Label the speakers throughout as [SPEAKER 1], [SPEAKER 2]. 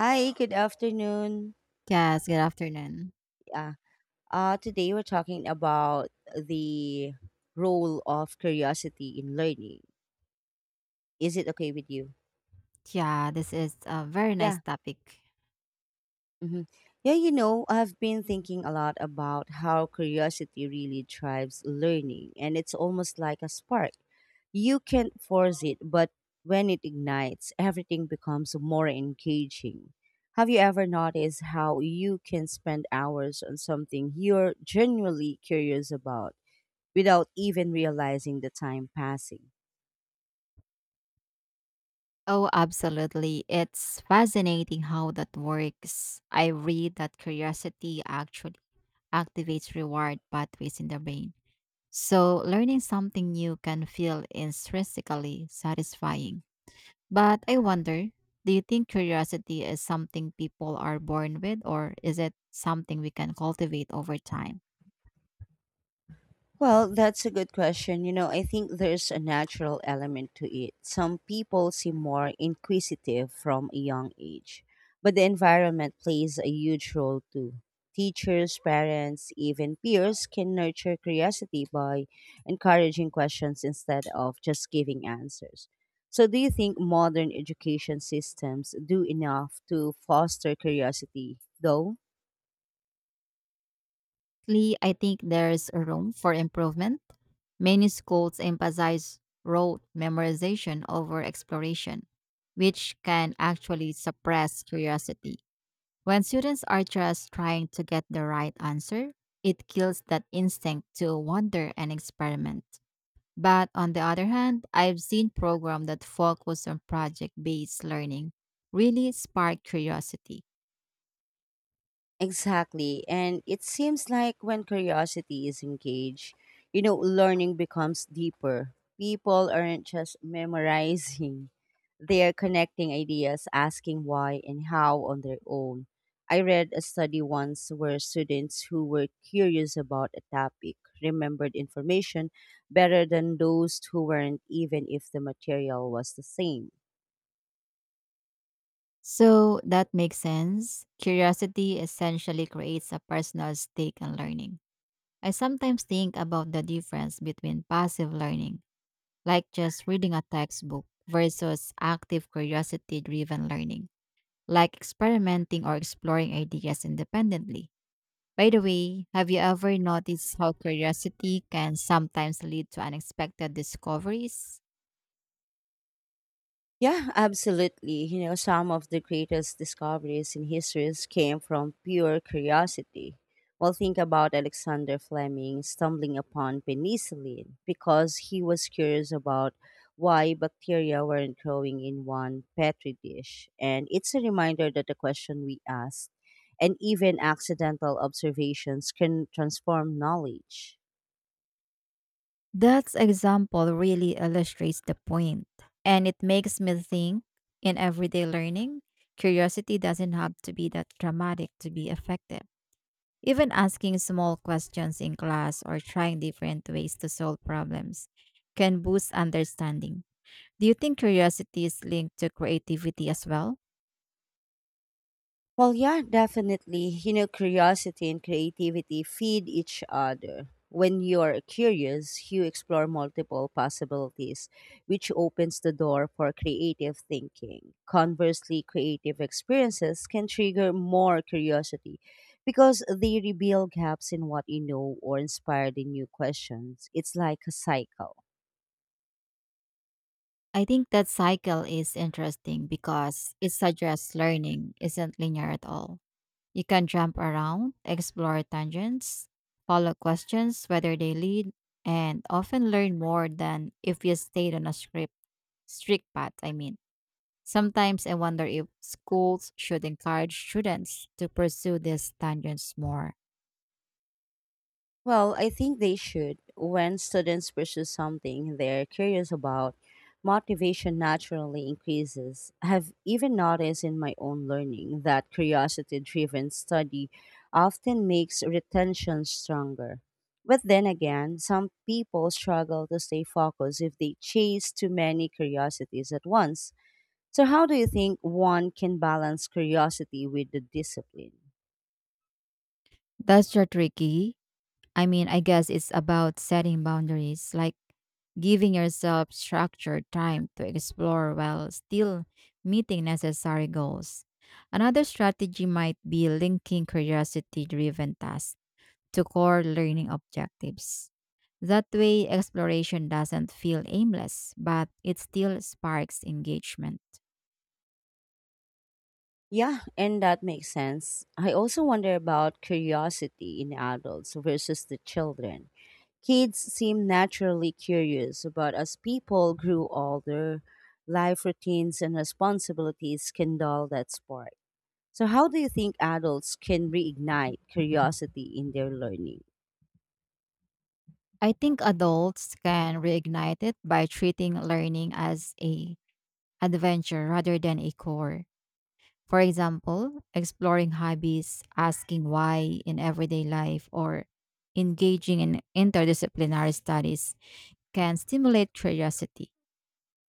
[SPEAKER 1] Hi, good afternoon.
[SPEAKER 2] Yes, good afternoon.
[SPEAKER 1] Yeah. Today we're talking about the role of curiosity in learning. Is it okay with you?
[SPEAKER 2] Yeah, this is a very nice
[SPEAKER 1] Yeah.
[SPEAKER 2] topic.
[SPEAKER 1] hmm Yeah, you know, I've been thinking a lot about how curiosity really drives learning, and it's almost like a spark. You can't force it, but when it ignites, everything becomes more engaging. Have you ever noticed how you can spend hours on something you're genuinely curious about, without even realizing the time passing?
[SPEAKER 2] Oh, absolutely. It's fascinating how that works. I read that curiosity actually activates reward pathways in the brain. So, learning something new can feel intrinsically satisfying. But I wonder, do you think curiosity is something people are born with, or is it something we can cultivate over time?
[SPEAKER 1] Well, that's a good question. You know, I think there's a natural element to it. Some people seem more inquisitive from a young age, but the environment plays a huge role too. Teachers, parents, even peers can nurture curiosity by encouraging questions instead of just giving answers. So, do you think modern education systems do enough to foster curiosity, though?
[SPEAKER 2] Lee, I think there's a room for improvement. Many schools emphasize rote memorization over exploration, which can actually suppress curiosity. When students are just trying to get the right answer, it kills that instinct to wonder and experiment. But on the other hand, I've seen programs that focus on project based learning really spark curiosity.
[SPEAKER 1] Exactly. And it seems like when curiosity is engaged, you know, learning becomes deeper. People aren't just memorizing, they are connecting ideas, asking why and how on their own. I read a study once where students who were curious about a topic remembered information better than those who weren't, even if the material was the same.
[SPEAKER 2] So that makes sense. Curiosity essentially creates a personal stake in learning. I sometimes think about the difference between passive learning, like just reading a textbook, versus active curiosity driven learning, like experimenting or exploring ideas independently. By the way, have you ever noticed how curiosity can sometimes lead to unexpected discoveries?
[SPEAKER 1] Yeah, absolutely. You know, some of the greatest discoveries in history came from pure curiosity. Well, think about Alexander Fleming stumbling upon penicillin because he was curious about why bacteria weren't growing in one petri dish. And it's a reminder that the question we ask and even accidental observations can transform knowledge.
[SPEAKER 2] That example really illustrates the point, and it makes me think in everyday learning, curiosity doesn't have to be that dramatic to be effective. Even asking small questions in class or trying different ways to solve problems can boost understanding. Do you think curiosity is linked to creativity as well?
[SPEAKER 1] Well, yeah, definitely. You know, curiosity and creativity feed each other. When you're curious, you explore multiple possibilities, which opens the door for creative thinking. Conversely, creative experiences can trigger more curiosity because they reveal gaps in what you know or inspire the new questions. It's like a cycle.
[SPEAKER 2] I think that cycle is interesting because it suggests learning isn't linear at all. You can jump around, explore tangents, follow questions, whether they lead, and often learn more than if you stayed on a script, strict path. I mean, sometimes I wonder if schools should encourage students to pursue these tangents more.
[SPEAKER 1] Well, I think they should. When students pursue something they're curious about, motivation naturally increases. I've even noticed in my own learning that curiosity driven study often makes retention stronger. But then again, some people struggle to stay focused if they chase too many curiosities at once. So, how do you think one can balance curiosity with the discipline?
[SPEAKER 2] That's your tricky. I mean, I guess it's about setting boundaries, like giving yourself structured time to explore while still meeting necessary goals. Another strategy might be linking curiosity driven tasks to core learning objectives. That way, exploration doesn't feel aimless, but it still sparks engagement.
[SPEAKER 1] Yeah, and that makes sense. I also wonder about curiosity in adults versus the children. Kids seem naturally curious, but as people grew older, life routines and responsibilities can dull that spark. So, how do you think adults can reignite curiosity in their learning?
[SPEAKER 2] I think adults can reignite it by treating learning as a adventure rather than a core. For example, exploring hobbies, asking why in everyday life, or engaging in interdisciplinary studies can stimulate curiosity.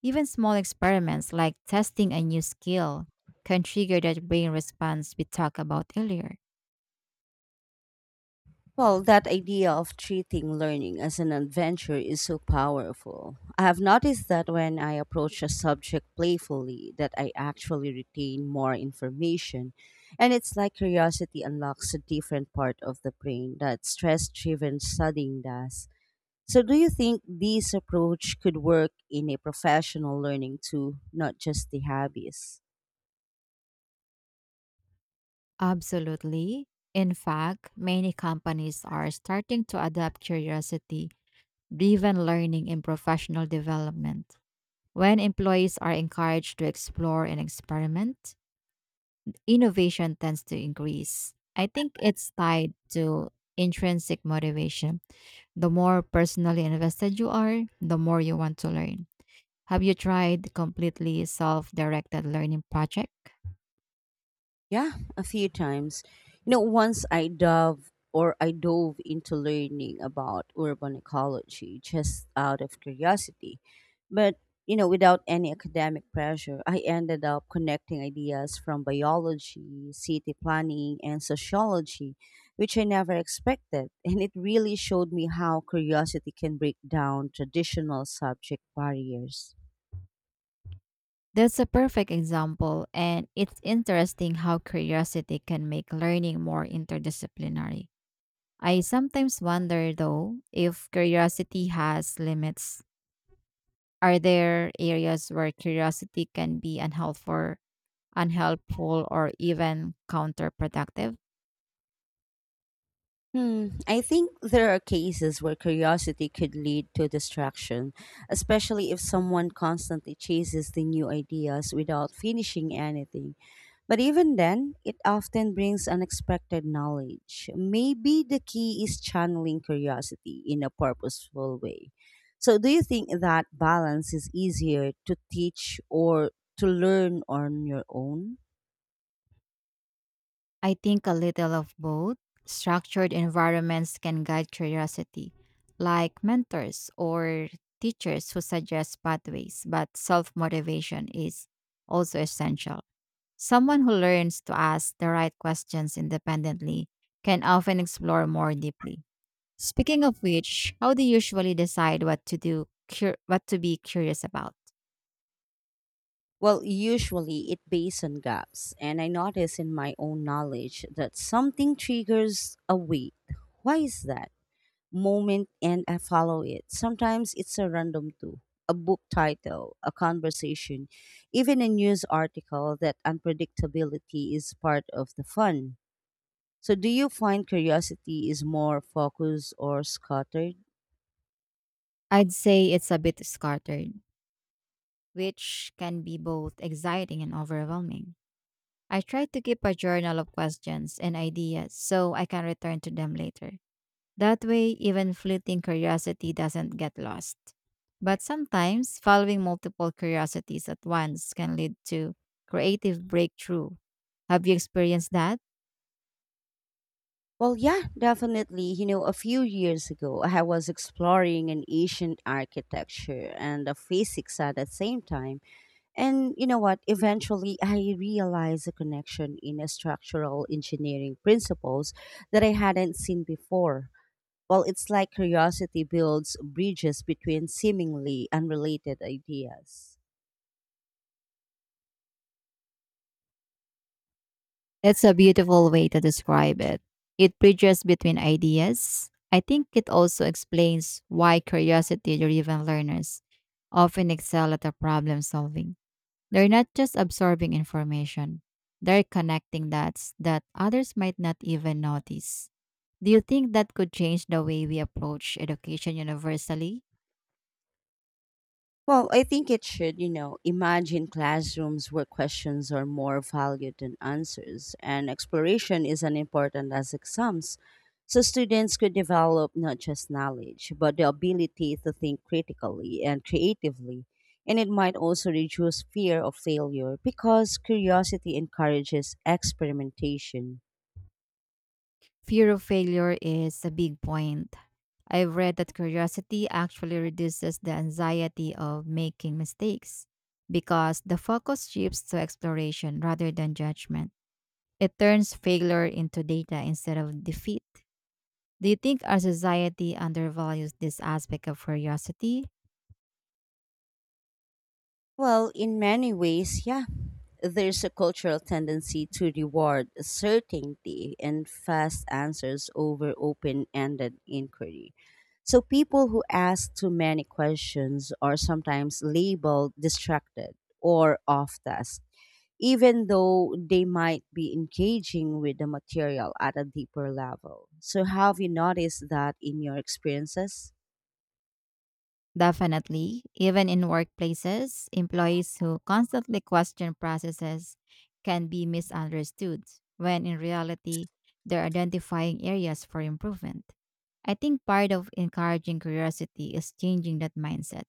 [SPEAKER 2] Even small experiments like testing a new skill can trigger that brain response we talked about earlier.
[SPEAKER 1] Well, that idea of treating learning as an adventure is so powerful. I have noticed that when I approach a subject playfully, that I actually retain more information. And it's like curiosity unlocks a different part of the brain that stress-driven studying does. So do you think this approach could work in a professional learning too, not just the hobbies?
[SPEAKER 2] Absolutely. In fact, many companies are starting to adopt curiosity driven learning in professional development. When employees are encouraged to explore and experiment, innovation tends to increase. I think it's tied to intrinsic motivation. The more personally invested you are, the more you want to learn. Have you tried completely self directed learning project?
[SPEAKER 1] Yeah, a few times. You know, once I dove or I dove into learning about urban ecology just out of curiosity. But, you know, without any academic pressure, I ended up connecting ideas from biology, city planning, and sociology, which I never expected. And it really showed me how curiosity can break down traditional subject barriers.
[SPEAKER 2] That's a perfect example, and it's interesting how curiosity can make learning more interdisciplinary. I sometimes wonder, though, if curiosity has limits. Are there areas where curiosity can be unhealthy unhelpful, or even counterproductive?
[SPEAKER 1] I think there are cases where curiosity could lead to distraction, especially if someone constantly chases the new ideas without finishing anything. But even then, it often brings unexpected knowledge. Maybe the key is channeling curiosity in a purposeful way. So, do you think that balance is easier to teach or to learn on your own?
[SPEAKER 2] I think a little of both. Structured environments can guide curiosity, like mentors or teachers who suggest pathways, but self motivation is also essential. Someone who learns to ask the right questions independently can often explore more deeply. Speaking of which, how do you usually decide what to do, what to be curious about?
[SPEAKER 1] Well, usually it based on gaps, and I notice in my own knowledge that something triggers a wait. Why is that? Moment, and I follow it. Sometimes it's a random tool, a book title, a conversation, even a news article that unpredictability is part of the fun. So, do you find curiosity is more focused or scattered?
[SPEAKER 2] I'd say it's a bit scattered, which can be both exciting and overwhelming. I try to keep a journal of questions and ideas so I can return to them later. That way, even fleeting curiosity doesn't get lost. But sometimes, following multiple curiosities at once can lead to creative breakthrough. Have you experienced that?
[SPEAKER 1] Well, yeah, definitely. You know, a few years ago, I was exploring an ancient architecture and the physics at the same time. And you know what? Eventually, I realized a connection in a structural engineering principles that I hadn't seen before. Well, it's like curiosity builds bridges between seemingly unrelated ideas.
[SPEAKER 2] That's a beautiful way to describe it. It bridges between ideas. I think it also explains why curiosity driven learners often excel at the problem solving. They're not just absorbing information, they're connecting dots that others might not even notice. Do you think that could change the way we approach education universally?
[SPEAKER 1] Well, I think it should, you know, imagine classrooms where questions are more valued than answers, and exploration is as important as exams. So students could develop not just knowledge, but the ability to think critically and creatively. And it might also reduce fear of failure because curiosity encourages experimentation.
[SPEAKER 2] Fear of failure is a big point. I've read that curiosity actually reduces the anxiety of making mistakes because the focus shifts to exploration rather than judgment. It turns failure into data instead of defeat. Do you think our society undervalues this aspect of curiosity?
[SPEAKER 1] Well, in many ways, yeah. There's a cultural tendency to reward certainty and fast answers over open ended inquiry. So, people who ask too many questions are sometimes labeled distracted or off task, even though they might be engaging with the material at a deeper level. So, have you noticed that in your experiences?
[SPEAKER 2] Definitely. Even in workplaces, employees who constantly question processes can be misunderstood when in reality, they're identifying areas for improvement. I think part of encouraging curiosity is changing that mindset,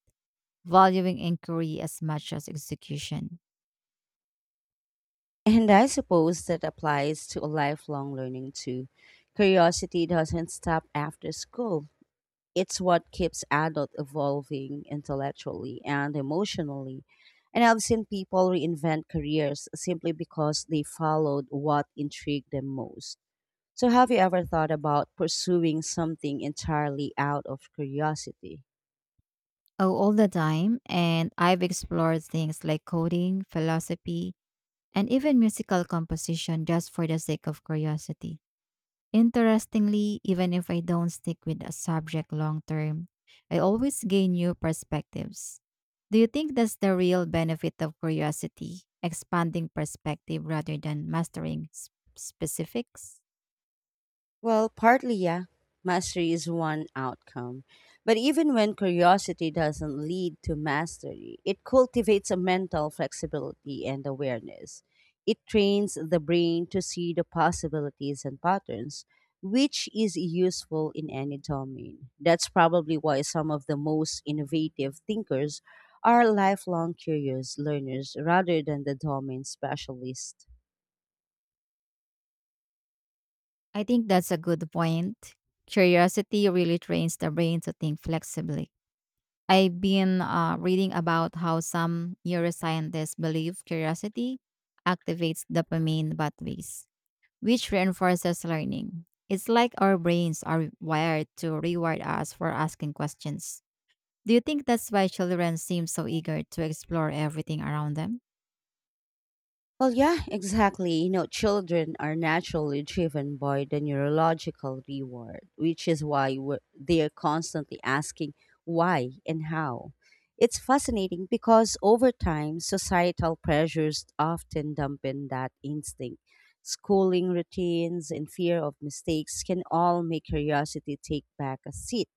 [SPEAKER 2] valuing inquiry as much as execution.
[SPEAKER 1] And I suppose that applies to a lifelong learning too. Curiosity doesn't stop after school. It's what keeps adults evolving intellectually and emotionally. And I've seen people reinvent careers simply because they followed what intrigued them most. So, have you ever thought about pursuing something entirely out of curiosity?
[SPEAKER 2] Oh, all the time, and I've explored things like coding, philosophy, and even musical composition just for the sake of curiosity. Interestingly, even if I don't stick with a subject long term, I always gain new perspectives. Do you think that's the real benefit of curiosity, expanding perspective rather than mastering specifics?
[SPEAKER 1] Well, partly, yeah. Mastery is one outcome. But even when curiosity doesn't lead to mastery, it cultivates a mental flexibility and awareness. It trains the brain to see the possibilities and patterns, which is useful in any domain. That's probably why some of the most innovative thinkers are lifelong curious learners rather than the domain specialists.
[SPEAKER 2] I think that's a good point. Curiosity really trains the brain to think flexibly. I've been reading about how some neuroscientists believe curiosity activates dopamine pathways which reinforces learning. It's like our brains are wired to reward us for asking questions. Do you think that's why children seem so eager to explore everything around them?
[SPEAKER 1] Well, yeah, exactly. You know, children are naturally driven by the neurological reward, which is why they're constantly asking why and how. It's fascinating because over time, societal pressures often dampen that instinct. Schooling routines and fear of mistakes can all make curiosity take back a seat.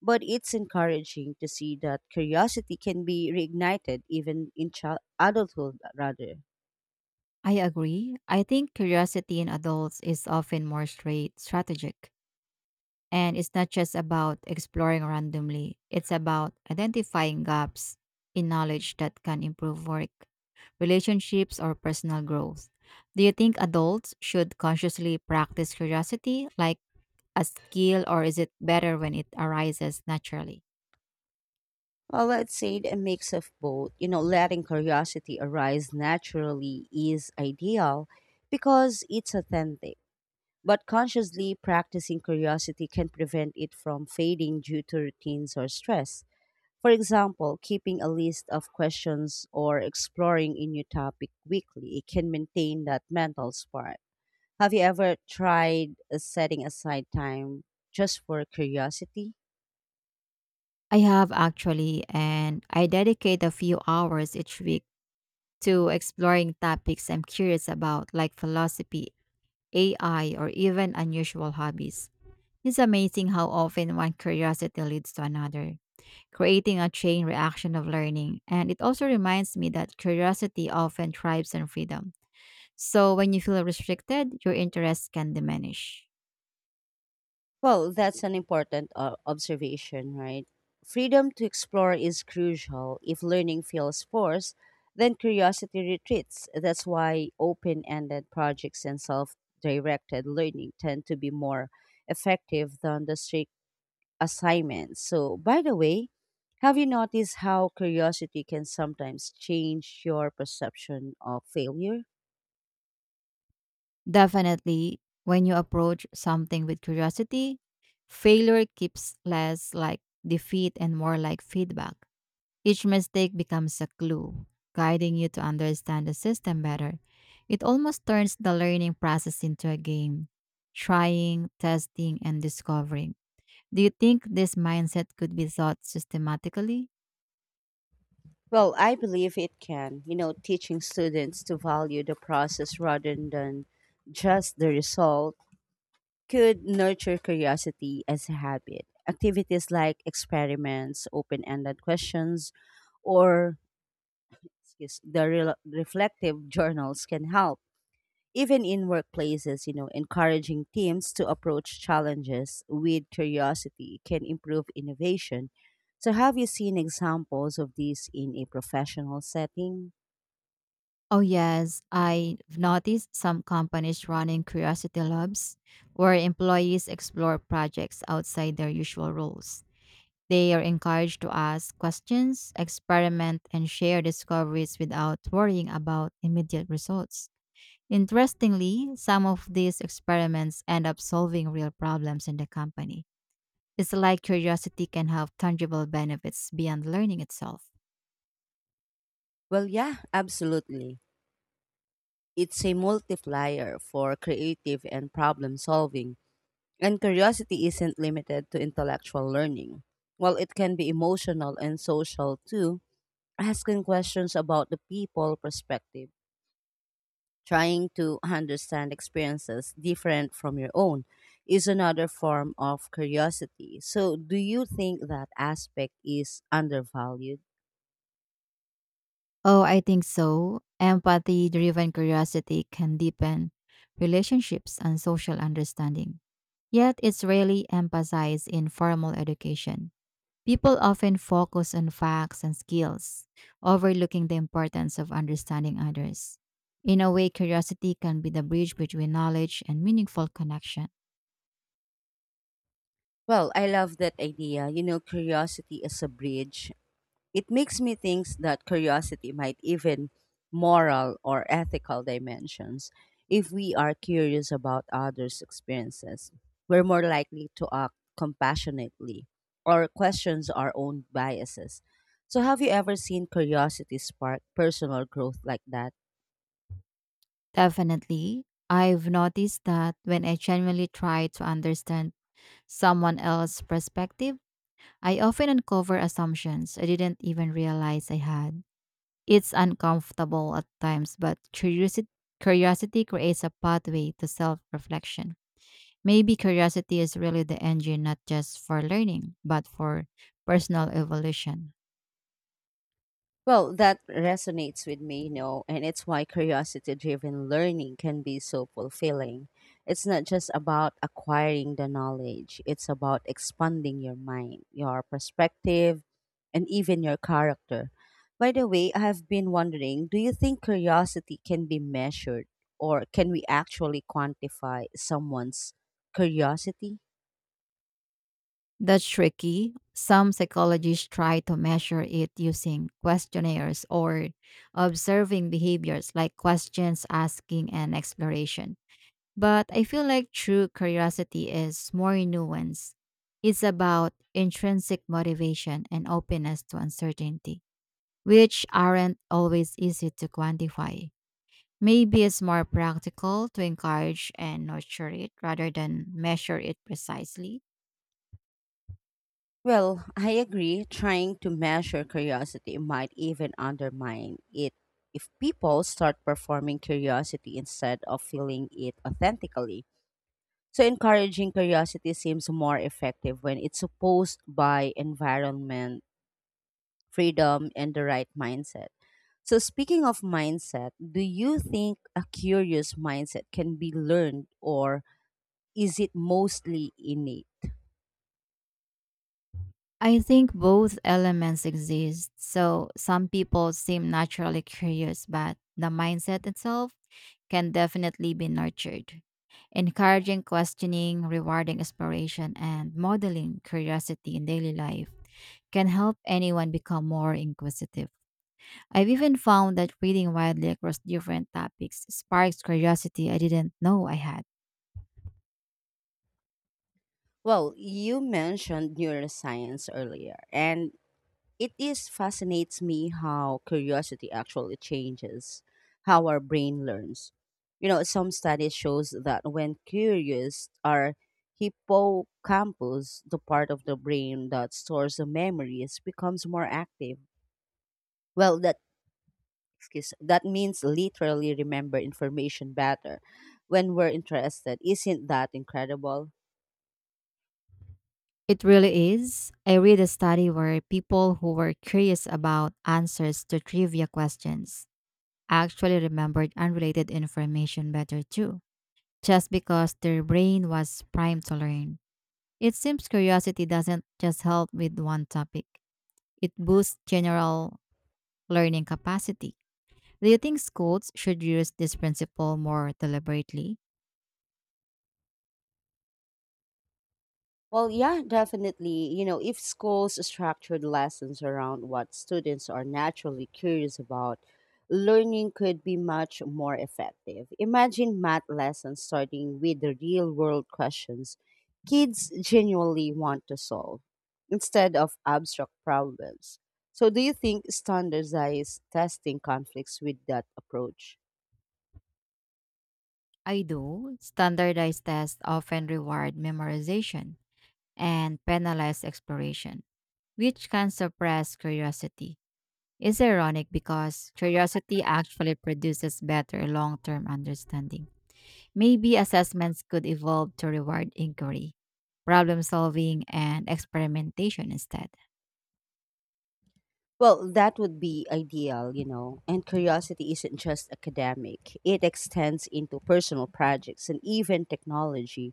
[SPEAKER 1] But it's encouraging to see that curiosity can be reignited even in child adulthood, rather.
[SPEAKER 2] I agree. I think curiosity in adults is often more straight strategic. And it's not just about exploring randomly, it's about identifying gaps in knowledge that can improve work, relationships, or personal growth. Do you think adults should consciously practice curiosity, like a skill or is it better when it arises naturally?
[SPEAKER 1] Well, I'd say a mix of both. You know, letting curiosity arise naturally is ideal because it's authentic. But consciously practicing curiosity can prevent it from fading due to routines or stress. For example, keeping a list of questions or exploring a new topic weekly, it can maintain that mental spark. Have you ever tried setting aside time just for curiosity?
[SPEAKER 2] I have actually, and I dedicate a few hours each week to exploring topics I'm curious about, like philosophy, AI, or even unusual hobbies. It's amazing how often one curiosity leads to another, creating a chain reaction of learning. And it also reminds me that curiosity often thrives on freedom. So when you feel restricted, your interest can diminish.
[SPEAKER 1] Well, that's an important observation, right? Freedom to explore is crucial. If learning feels forced, then curiosity retreats. That's why open ended projects and self directed learning tend to be more effective than the strict assignments. So, by the way, have you noticed how curiosity can sometimes change your perception of failure?
[SPEAKER 2] Definitely, when you approach something with curiosity, failure keeps less like defeat and more like feedback. Each mistake becomes a clue, guiding you to understand the system better. It almost turns the learning process into a game, trying, testing, and discovering. Do you think this mindset could be taught systematically?
[SPEAKER 1] Well, I believe it can. You know, teaching students to value the process rather than just the result could nurture curiosity as a habit. Activities like experiments, open ended questions, or reflective journals can help. Even in workplaces, you know, encouraging teams to approach challenges with curiosity can improve innovation. So, have you seen examples of this in a professional setting?
[SPEAKER 2] Oh, yes. I've noticed some companies running curiosity labs where employees explore projects outside their usual roles. They are encouraged to ask questions, experiment, and share discoveries without worrying about immediate results. Interestingly, some of these experiments end up solving real problems in the company. It's like curiosity can have tangible benefits beyond learning itself.
[SPEAKER 1] Well, yeah, absolutely. It's a multiplier for creative and problem solving. And curiosity isn't limited to intellectual learning. Well, it can be emotional and social too, asking questions about the people perspective, trying to understand experiences different from your own is another form of curiosity. So, do you think that aspect is undervalued?
[SPEAKER 2] Oh, I think so. Empathy driven curiosity can deepen relationships and social understanding. Yet, it's rarely emphasized in formal education. People often focus on facts and skills, overlooking the importance of understanding others. In a way, curiosity can be the bridge between knowledge and meaningful connection.
[SPEAKER 1] Well, I love that idea. You know, curiosity is a bridge. It makes me think that curiosity might even moral or ethical dimensions. If we are curious about others' experiences, we're more likely to act compassionately or questions our own biases. So have you ever seen curiosity spark personal growth like that?
[SPEAKER 2] Definitely, I've noticed that when I genuinely try to understand someone else's perspective, I often uncover assumptions I didn't even realize I had. It's uncomfortable at times, but curiosity creates a pathway to self reflection. Maybe curiosity is really the engine not just for learning, but for personal evolution.
[SPEAKER 1] Well, that resonates with me, you know, and it's why curiosity driven learning can be so fulfilling. It's not just about acquiring the knowledge, it's about expanding your mind, your perspective, and even your character. By the way, I have been wondering, do you think curiosity can be measured or can we actually quantify someone's curiosity?
[SPEAKER 2] That's tricky. Some psychologists try to measure it using questionnaires or observing behaviors like questions asking and exploration. But I feel like true curiosity is more nuanced. It's about intrinsic motivation and openness to uncertainty, which aren't always easy to quantify. Maybe it's more practical to encourage and nurture it rather than measure it precisely.
[SPEAKER 1] Well, I agree. Trying to measure curiosity might even undermine it if people start performing curiosity instead of feeling it authentically. So, encouraging curiosity seems more effective when it's supposed by environment, freedom, and the right mindset. So, speaking of mindset, do you think a curious mindset can be learned or is it mostly innate?
[SPEAKER 2] I think both elements exist. So some people seem naturally curious, but the mindset itself can definitely be nurtured. Encouraging questioning, rewarding exploration, and modeling curiosity in daily life can help anyone become more inquisitive. I've even found that reading widely across different topics sparks curiosity I didn't know I had.
[SPEAKER 1] Well, you mentioned neuroscience earlier, and it is fascinates me how curiosity actually changes how our brain learns. You know, some studies shows that when curious, our hippocampus, the part of the brain that stores the memories, becomes more active. Well, that means literally remember information better when we're interested. Isn't that incredible?
[SPEAKER 2] It really is. I read a study where people who were curious about answers to trivia questions actually remembered unrelated information better too, just because their brain was primed to learn. It seems curiosity doesn't just help with one topic, it boosts general learning capacity. Do you think schools should use this principle more deliberately?
[SPEAKER 1] Well, yeah, definitely. You know, if schools structured lessons around what students are naturally curious about, learning could be much more effective. Imagine math lessons starting with the real world questions kids genuinely want to solve instead of abstract problems. So, do you think standardized testing conflicts with that approach?
[SPEAKER 2] I do. Standardized tests often reward memorization and penalize exploration which can suppress curiosity. It's ironic because curiosity actually produces better long term understanding. Maybe assessments could evolve to reward inquiry, problem solving, and experimentation instead.
[SPEAKER 1] Well, that would be ideal, you know. And curiosity isn't just academic, it extends into personal projects and even technology.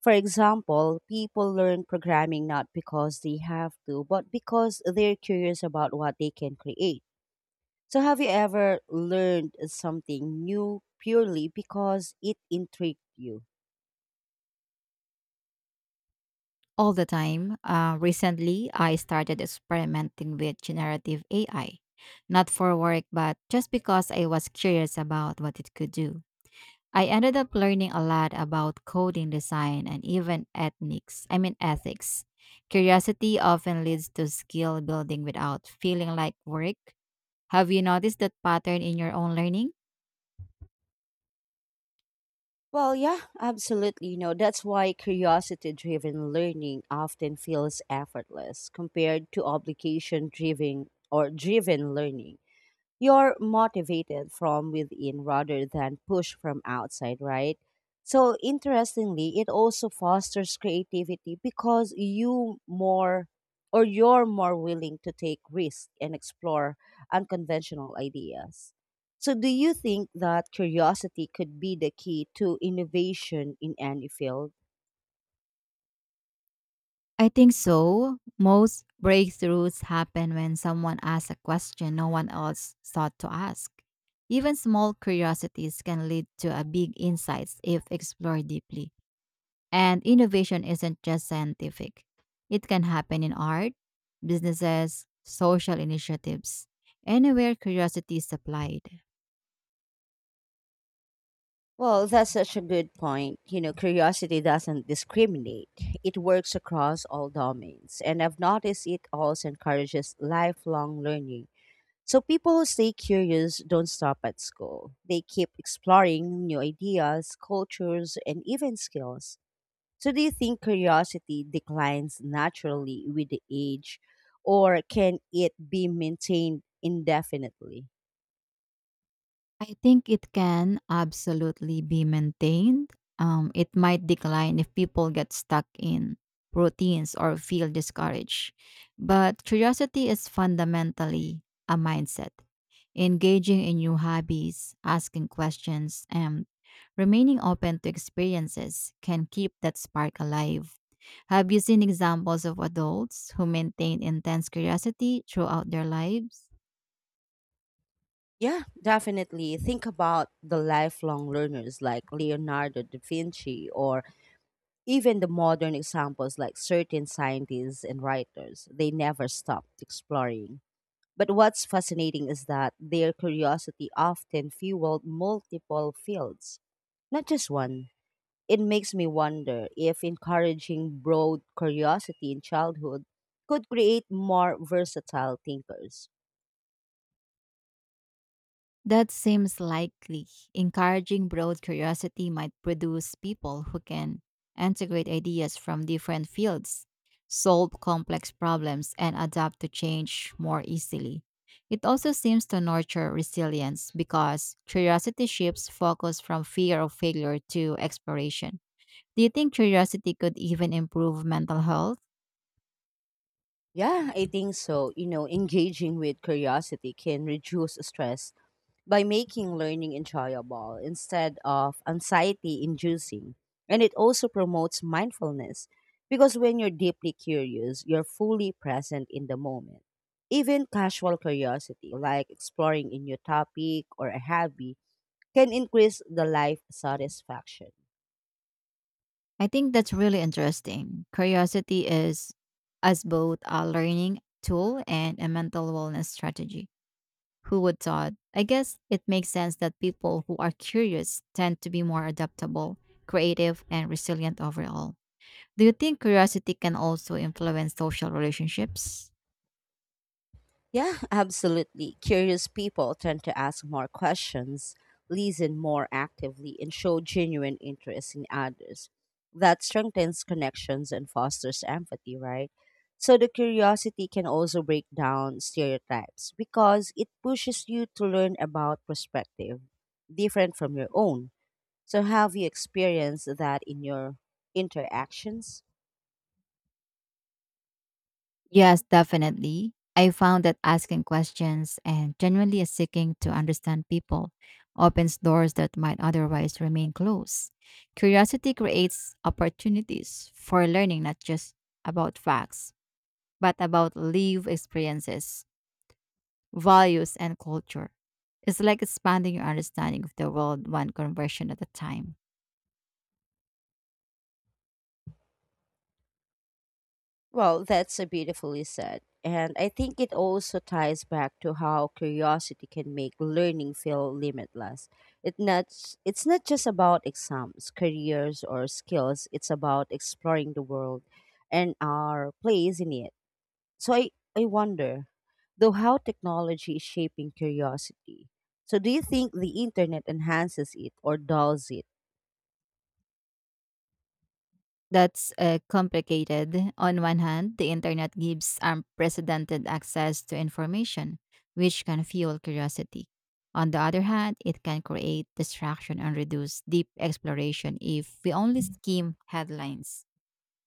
[SPEAKER 1] For example, people learn programming not because they have to, but because they're curious about what they can create. So, have you ever learned something new purely because it intrigued you?
[SPEAKER 2] All the time, recently, I started experimenting with generative AI, not for work, but just because I was curious about what it could do. I ended up learning a lot about coding design and even ethnics. I mean ethics. Curiosity often leads to skill building without feeling like work. Have you noticed that pattern in your own learning?
[SPEAKER 1] Well, yeah, absolutely. You know, that's why curiosity driven learning often feels effortless compared to obligation driven or driven learning. You're motivated from within rather than pushed from outside, right? So interestingly, it also fosters creativity because you're more willing to take risks and explore unconventional ideas. So do you think that curiosity could be the key to innovation in any field?
[SPEAKER 2] I think so. Most breakthroughs happen when someone asks a question no one else thought to ask. Even small curiosities can lead to a big insights if explored deeply. And innovation isn't just scientific, it can happen in art, businesses, social initiatives, anywhere curiosity is applied.
[SPEAKER 1] Well, that's such a good point. You know, curiosity doesn't discriminate. It works across all domains. And I've noticed it also encourages lifelong learning. So people who stay curious don't stop at school. They keep exploring new ideas, cultures, and even skills. So do you think curiosity declines naturally with the age or can it be maintained indefinitely?
[SPEAKER 2] I think it can absolutely be maintained. It might decline if people get stuck in routines or feel discouraged. But curiosity is fundamentally a mindset. Engaging in new hobbies, asking questions, and remaining open to experiences can keep that spark alive. Have you seen examples of adults who maintained intense curiosity throughout their lives?
[SPEAKER 1] Yeah, definitely. Think about the lifelong learners like Leonardo da Vinci or even the modern examples like certain scientists and writers. They never stopped exploring. But what's fascinating is that their curiosity often fueled multiple fields, not just one. It makes me wonder if encouraging broad curiosity in childhood could create more versatile thinkers.
[SPEAKER 2] That seems likely. Encouraging broad curiosity might produce people who can integrate ideas from different fields, solve complex problems, and adapt to change more easily. It also seems to nurture resilience because curiosity shifts focus from fear of failure to exploration. Do you think curiosity could even improve mental health?
[SPEAKER 1] Yeah, I think so. You know, engaging with curiosity can reduce stress by making learning enjoyable instead of anxiety inducing. And it also promotes mindfulness because when you're deeply curious, you're fully present in the moment. Even casual curiosity, like exploring a new topic or a hobby, can increase the life satisfaction.
[SPEAKER 2] I think that's really interesting. Curiosity is as both a learning tool and a mental wellness strategy. Who would thought? I guess it makes sense that people who are curious tend to be more adaptable, creative, and resilient overall. Do you think curiosity can also influence social relationships?
[SPEAKER 1] Yeah, absolutely. Curious people tend to ask more questions, listen more actively, and show genuine interest in others. That strengthens connections and fosters empathy, right? So, the curiosity can also break down stereotypes because it pushes you to learn about perspective different from your own. So, have you experienced that in your interactions?
[SPEAKER 2] Yes, definitely. I found that asking questions and genuinely seeking to understand people opens doors that might otherwise remain closed. Curiosity creates opportunities for learning not just about facts, but about lived experiences, values, and culture. It's like expanding your understanding of the world one conversion at a time.
[SPEAKER 1] Well, that's a beautifully said. And I think it also ties back to how curiosity can make learning feel limitless. It not, it's not just about exams, careers, or skills, it's about exploring the world and our place in it. So I, I wonder, though, how technology is shaping curiosity. So do you think the internet enhances it or dulls it?
[SPEAKER 2] That's complicated. On one hand, the internet gives unprecedented access to information, which can fuel curiosity. On the other hand, it can create distraction and reduce deep exploration if we only skim headlines.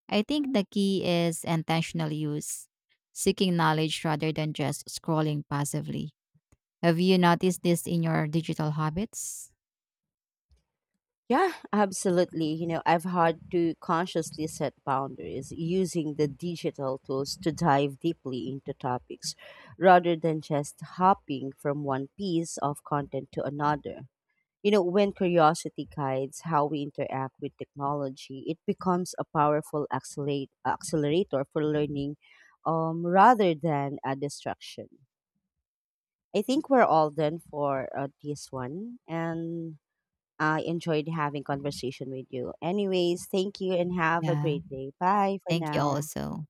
[SPEAKER 2] I think the key is intentional use, seeking knowledge rather than just scrolling passively. Have you noticed this in your digital habits?
[SPEAKER 1] Yeah, absolutely. You know, I've had to consciously set boundaries using the digital tools to dive deeply into topics rather than just hopping from one piece of content to another. You know, when curiosity guides how we interact with technology, it becomes a powerful accelerator for learning rather than a distraction. I think we're all done for this one. And I enjoyed having conversation with you. Anyways, thank you and have a
[SPEAKER 2] Yeah,
[SPEAKER 1] great day. Bye for
[SPEAKER 2] thank you
[SPEAKER 1] now.
[SPEAKER 2] also.